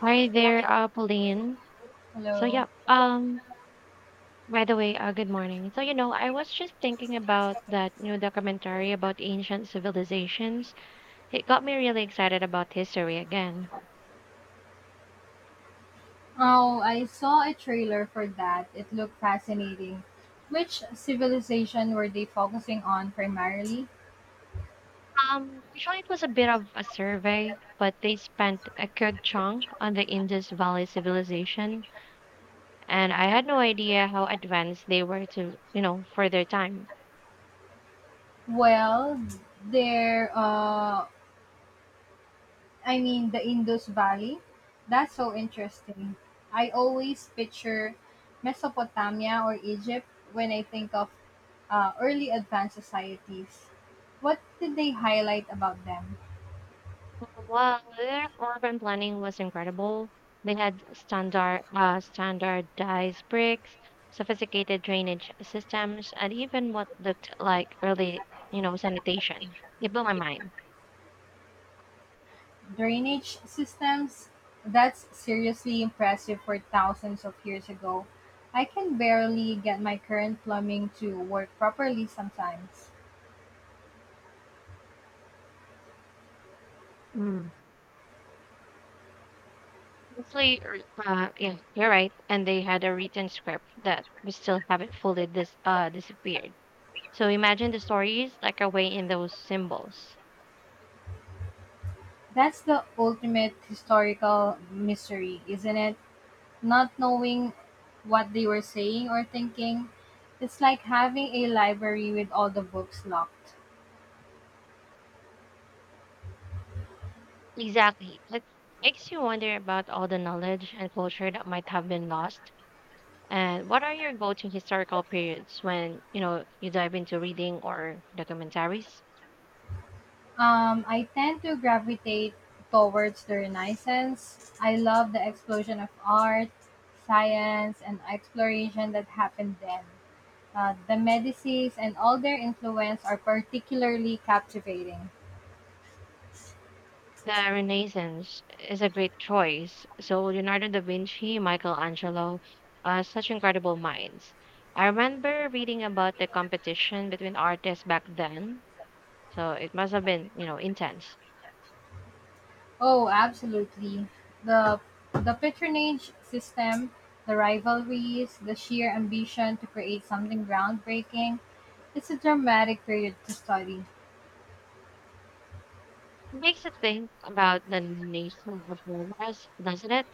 Hi there, Pauline. So Hello. yeah, um, by the way, good morning. I was just thinking about that new documentary about ancient civilizations. It got me really excited about history again. Oh, I saw a trailer for that. It looked fascinating. Which civilization were they focusing on primarily? Actually, it was a bit of a survey, but they spent a good chunk on the Indus Valley civilization, and I had no idea how advanced they were for their time. Well, there I mean the Indus Valley. That's so interesting. I always picture Mesopotamia or Egypt when I think of early advanced societies. What did they highlight about them? Well, their urban planning was incredible. They had standardized bricks, sophisticated drainage systems, and even what looked like sanitation. It blew my mind. Drainage systems? That's seriously impressive for thousands of years ago. I can barely get my current plumbing to work properly sometimes. Mm. Honestly, yeah, you're right. And they had a written script that we still haven't fully disappeared. So imagine the stories like away in those symbols. That's the ultimate historical mystery, isn't it? Not knowing what they were saying or thinking. It's like having a library with all the books locked. Exactly. It makes you wonder about all the knowledge and culture that might have been lost. And what are your go-to historical periods when you dive into reading or documentaries? I tend to gravitate towards the Renaissance. I love the explosion of art, science, and exploration that happened then. The Medicis and all their influence are particularly captivating. The Renaissance is a great choice. So Leonardo da Vinci, Michelangelo, such incredible minds. I remember reading about the competition between artists back then. So it must have been, intense. Oh, absolutely. The the patronage system, the rivalries, the sheer ambition to create something groundbreaking. It's a dramatic period to study. It makes you think about the nation of was, doesn't it?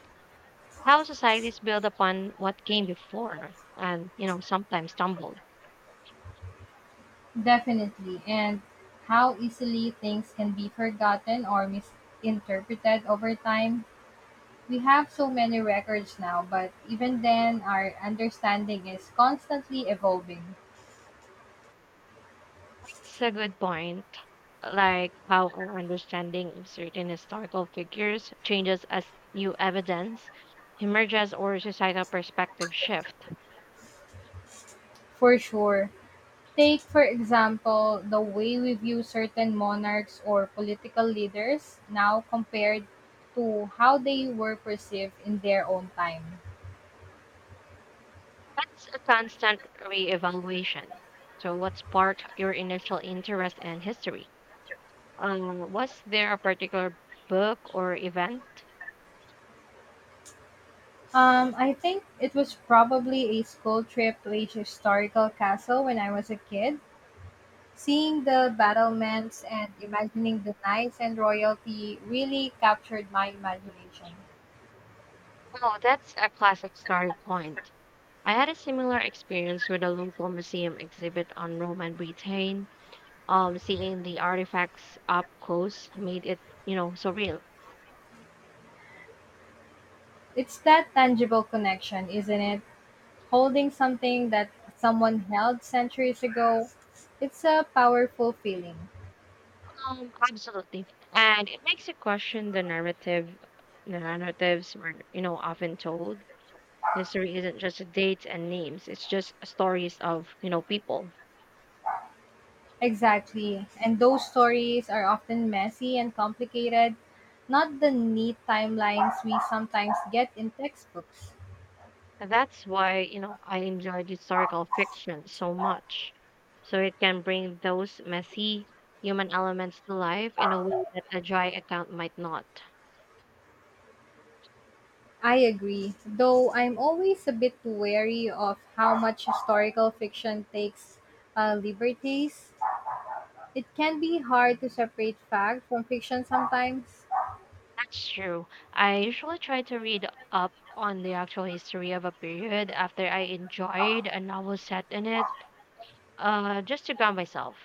How societies build upon what came before and, sometimes stumbled. Definitely, and how easily things can be forgotten or misinterpreted over time. We have so many records now, but even then, our understanding is constantly evolving. It's a good point. Like how our understanding of certain historical figures changes as new evidence emerges or societal perspective shift. For sure. Take, for example, the way we view certain monarchs or political leaders now compared to how they were perceived in their own time. That's a constant reevaluation. So, what sparked your initial interest in history? Was there a particular book or event? I think it was probably a school trip to a historical castle when I was a kid. Seeing the battlements and imagining the knights and royalty really captured my imagination. Oh, that's a classic story point. I had a similar experience with a local museum exhibit on Roman Britain. Seeing the artifacts up close made it, so real. It's that tangible connection, isn't it? Holding something that someone held centuries ago. It's a powerful feeling. Absolutely. And it makes you question the narrative, the narratives were, often told. History isn't just dates and names, it's just stories of, people. Exactly. And those stories are often messy and complicated, not the neat timelines we sometimes get in textbooks. And that's why, I enjoyed historical fiction so much. So it can bring those messy human elements to life in a way that a dry account might not. I agree, though I'm always a bit wary of how much historical fiction takes liberties. It can be hard to separate fact from fiction sometimes. That's true. I usually try to read up on the actual history of a period after I enjoyed a novel set in it, just to ground myself.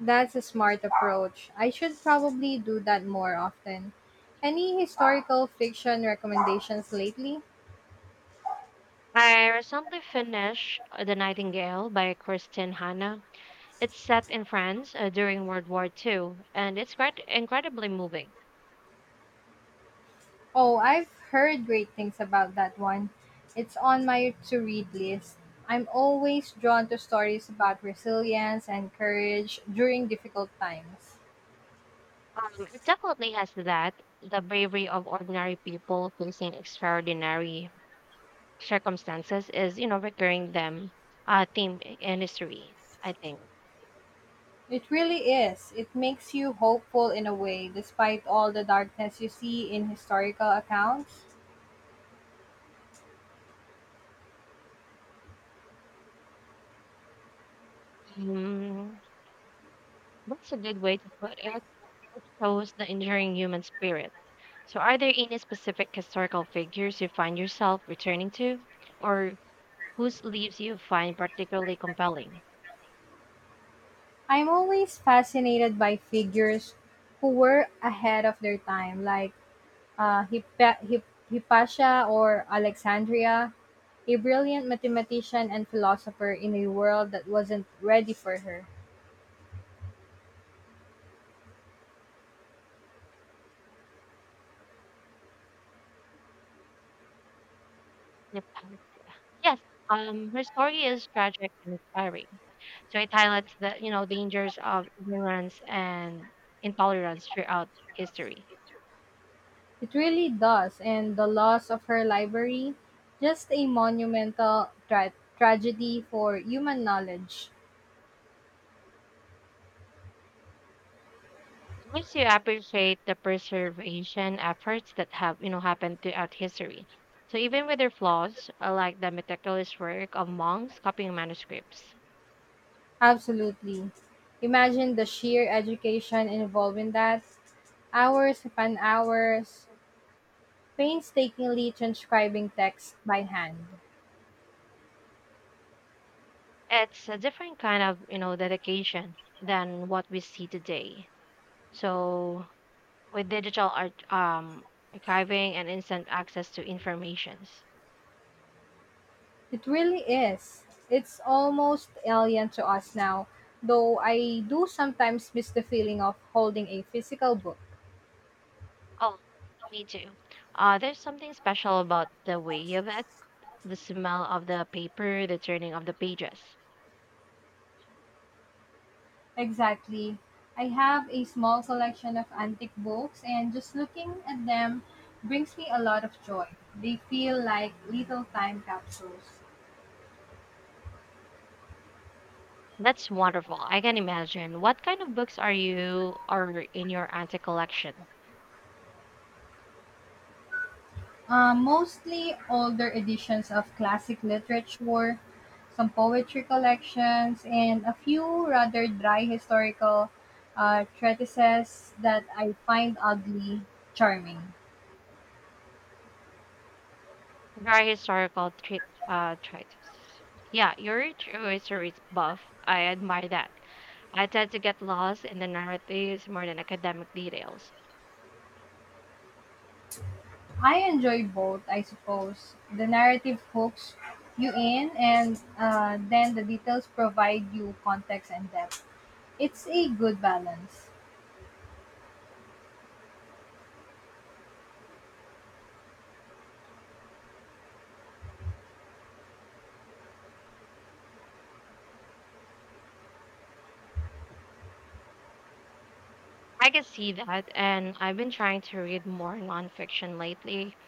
That's a smart approach. I should probably do that more often. Any historical fiction recommendations lately? I recently finished The Nightingale by Kristin Hanna. It's set in France during World War Two, and it's quite incredibly moving. Oh, I've heard great things about that one. It's on my to read list. I'm always drawn to stories about resilience and courage during difficult times. It definitely has that the bravery of ordinary people facing extraordinary circumstances is, recurring theme in history. I think It really is. It makes you hopeful in a way, despite all the darkness you see in historical accounts. um, that's a good way to put it. It shows the enduring human spirit. So, are there any specific historical figures you find yourself returning to? Or whose leaves you find particularly compelling? I'm always fascinated by figures who were ahead of their time, like Hypatia or Alexandria, a brilliant mathematician and philosopher in a world that wasn't ready for her. Yep. Yes, her story is tragic and inspiring. So it highlights the dangers of ignorance and intolerance throughout history. It really does, and the loss of her library, just a monumental tragedy for human knowledge. It makes you appreciate the preservation efforts that have happened throughout history. So even with their flaws, like the meticulous work of monks copying manuscripts, Absolutely. Imagine the sheer education involved in that. Hours upon hours, painstakingly transcribing text by hand. it's a different kind of dedication than what we see today. So with digital art, archiving and instant access to informations. It really is. It's almost alien to us now, though I do sometimes miss the feeling of holding a physical book. Oh, me too. There's something special about the way of it, the smell of the paper, the turning of the pages. Exactly. I have a small collection of antique books, and just looking at them brings me a lot of joy. They feel like little time capsules. That's wonderful. I can imagine. What kind of books are you or in your antique collection? Mostly older editions of classic literature, some poetry collections, and a few rather dry historical treatises that I find oddly charming. Dry historical treatises. Yeah, you're a true history buff. I admire that. I tend to get lost in the narratives more than academic details. I enjoy both, I suppose. The narrative hooks you in, and then the details provide you context and depth. It's a good balance. I can see that, and I've been trying to read more nonfiction lately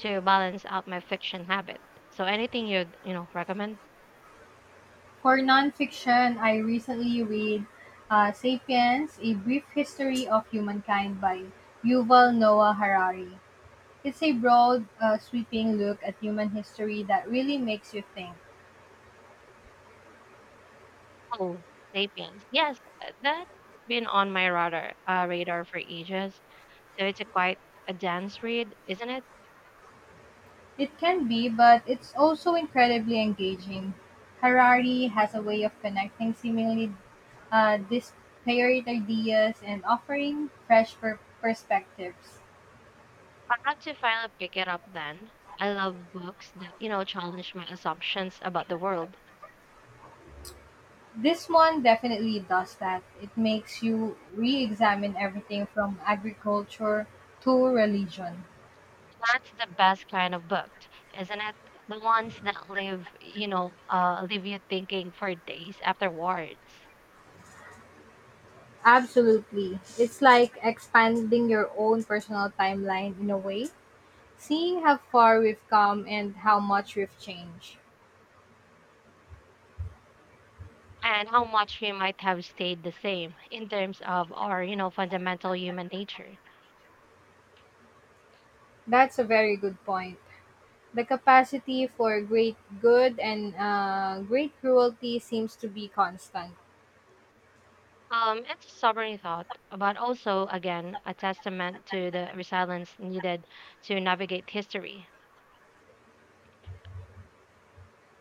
to balance out my fiction habit. So, anything you'd recommend? For nonfiction, I recently read *Sapiens: A Brief History of Humankind* by Yuval Noah Harari. It's a broad, sweeping look at human history that really makes you think. Oh, Sapiens. Yes, that's been on my radar for ages. So it's a quite a dense read, isn't it? It can be, but it's also incredibly engaging. Harari has a way of connecting seemingly disparate ideas and offering fresh perspectives. I'll have to finally pick it up then. I love books that challenge my assumptions about the world. This one definitely does that. It makes you re examine everything from agriculture to religion. That's the best kind of book, isn't it? The ones that leave, leave you thinking for days afterwards. Absolutely. It's like expanding your own personal timeline in a way, seeing how far we've come and how much we've changed. And how much we might have stayed the same in terms of our, fundamental human nature. That's a very good point. The capacity for great good and great cruelty seems to be constant. It's a sobering thought, but also, again, a testament to the resilience needed to navigate history.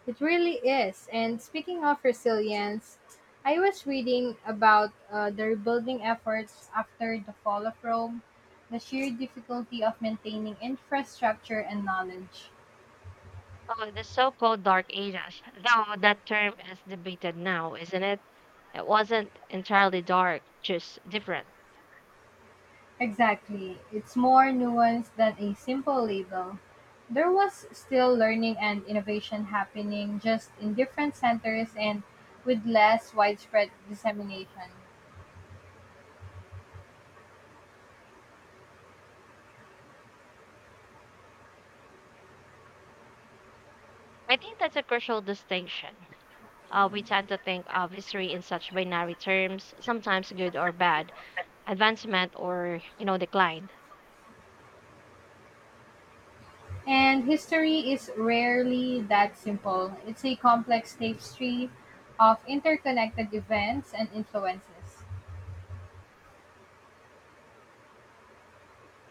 It really is. And speaking of resilience, I was reading about the rebuilding efforts after the fall of Rome, the sheer difficulty of maintaining infrastructure and knowledge. Oh, the so-called Dark Ages, though that term is debated now, isn't it? It wasn't entirely dark, just different. Exactly. It's more nuanced than a simple label. There was still learning and innovation happening, just in different centers and with less widespread dissemination. I think that's a crucial distinction. We tend to think of history in such binary terms, sometimes good or bad, advancement or decline. And history is rarely that simple. It's a complex tapestry of interconnected events and influences.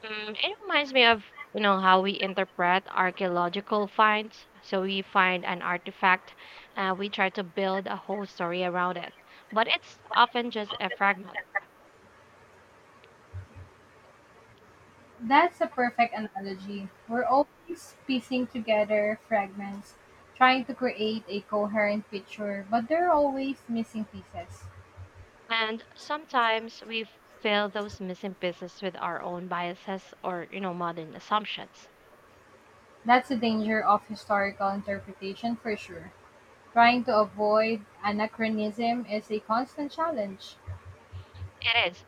It reminds me of how we interpret archaeological finds. So we find an artifact, and we try to build a whole story around it, but it's often just a fragment. That's a perfect analogy. We're always piecing together fragments, trying to create a coherent picture, but there are always missing pieces. And sometimes we fill those missing pieces with our own biases or, modern assumptions. That's the danger of historical interpretation for sure. Trying to avoid anachronism is a constant challenge. It is.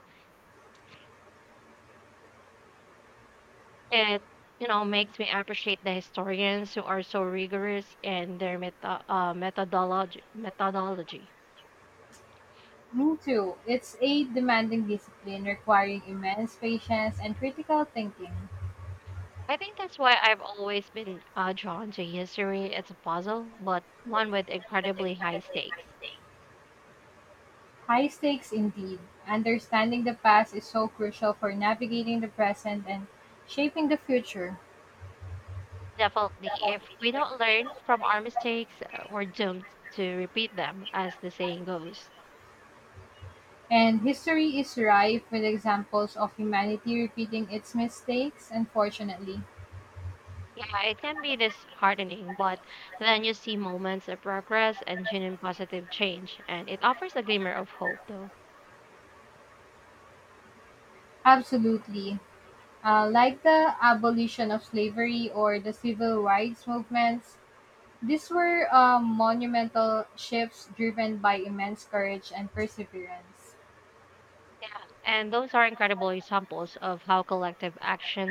It makes me appreciate the historians who are so rigorous in their methodology. Me too. It's a demanding discipline requiring immense patience and critical thinking. I think that's why I've always been drawn to history. It's a puzzle, but one with incredibly high stakes. High stakes indeed. Understanding the past is so crucial for navigating the present and shaping the future. Definitely, if we don't learn from our mistakes, we're doomed to repeat them, as the saying goes. And history is rife with examples of humanity repeating its mistakes, unfortunately. Yeah, it can be disheartening, but then you see moments of progress and genuine positive change, and it offers a glimmer of hope, though. Absolutely. Like the abolition of slavery or the civil rights movements, these were monumental shifts driven by immense courage and perseverance. Yeah, and those are incredible examples of how collective action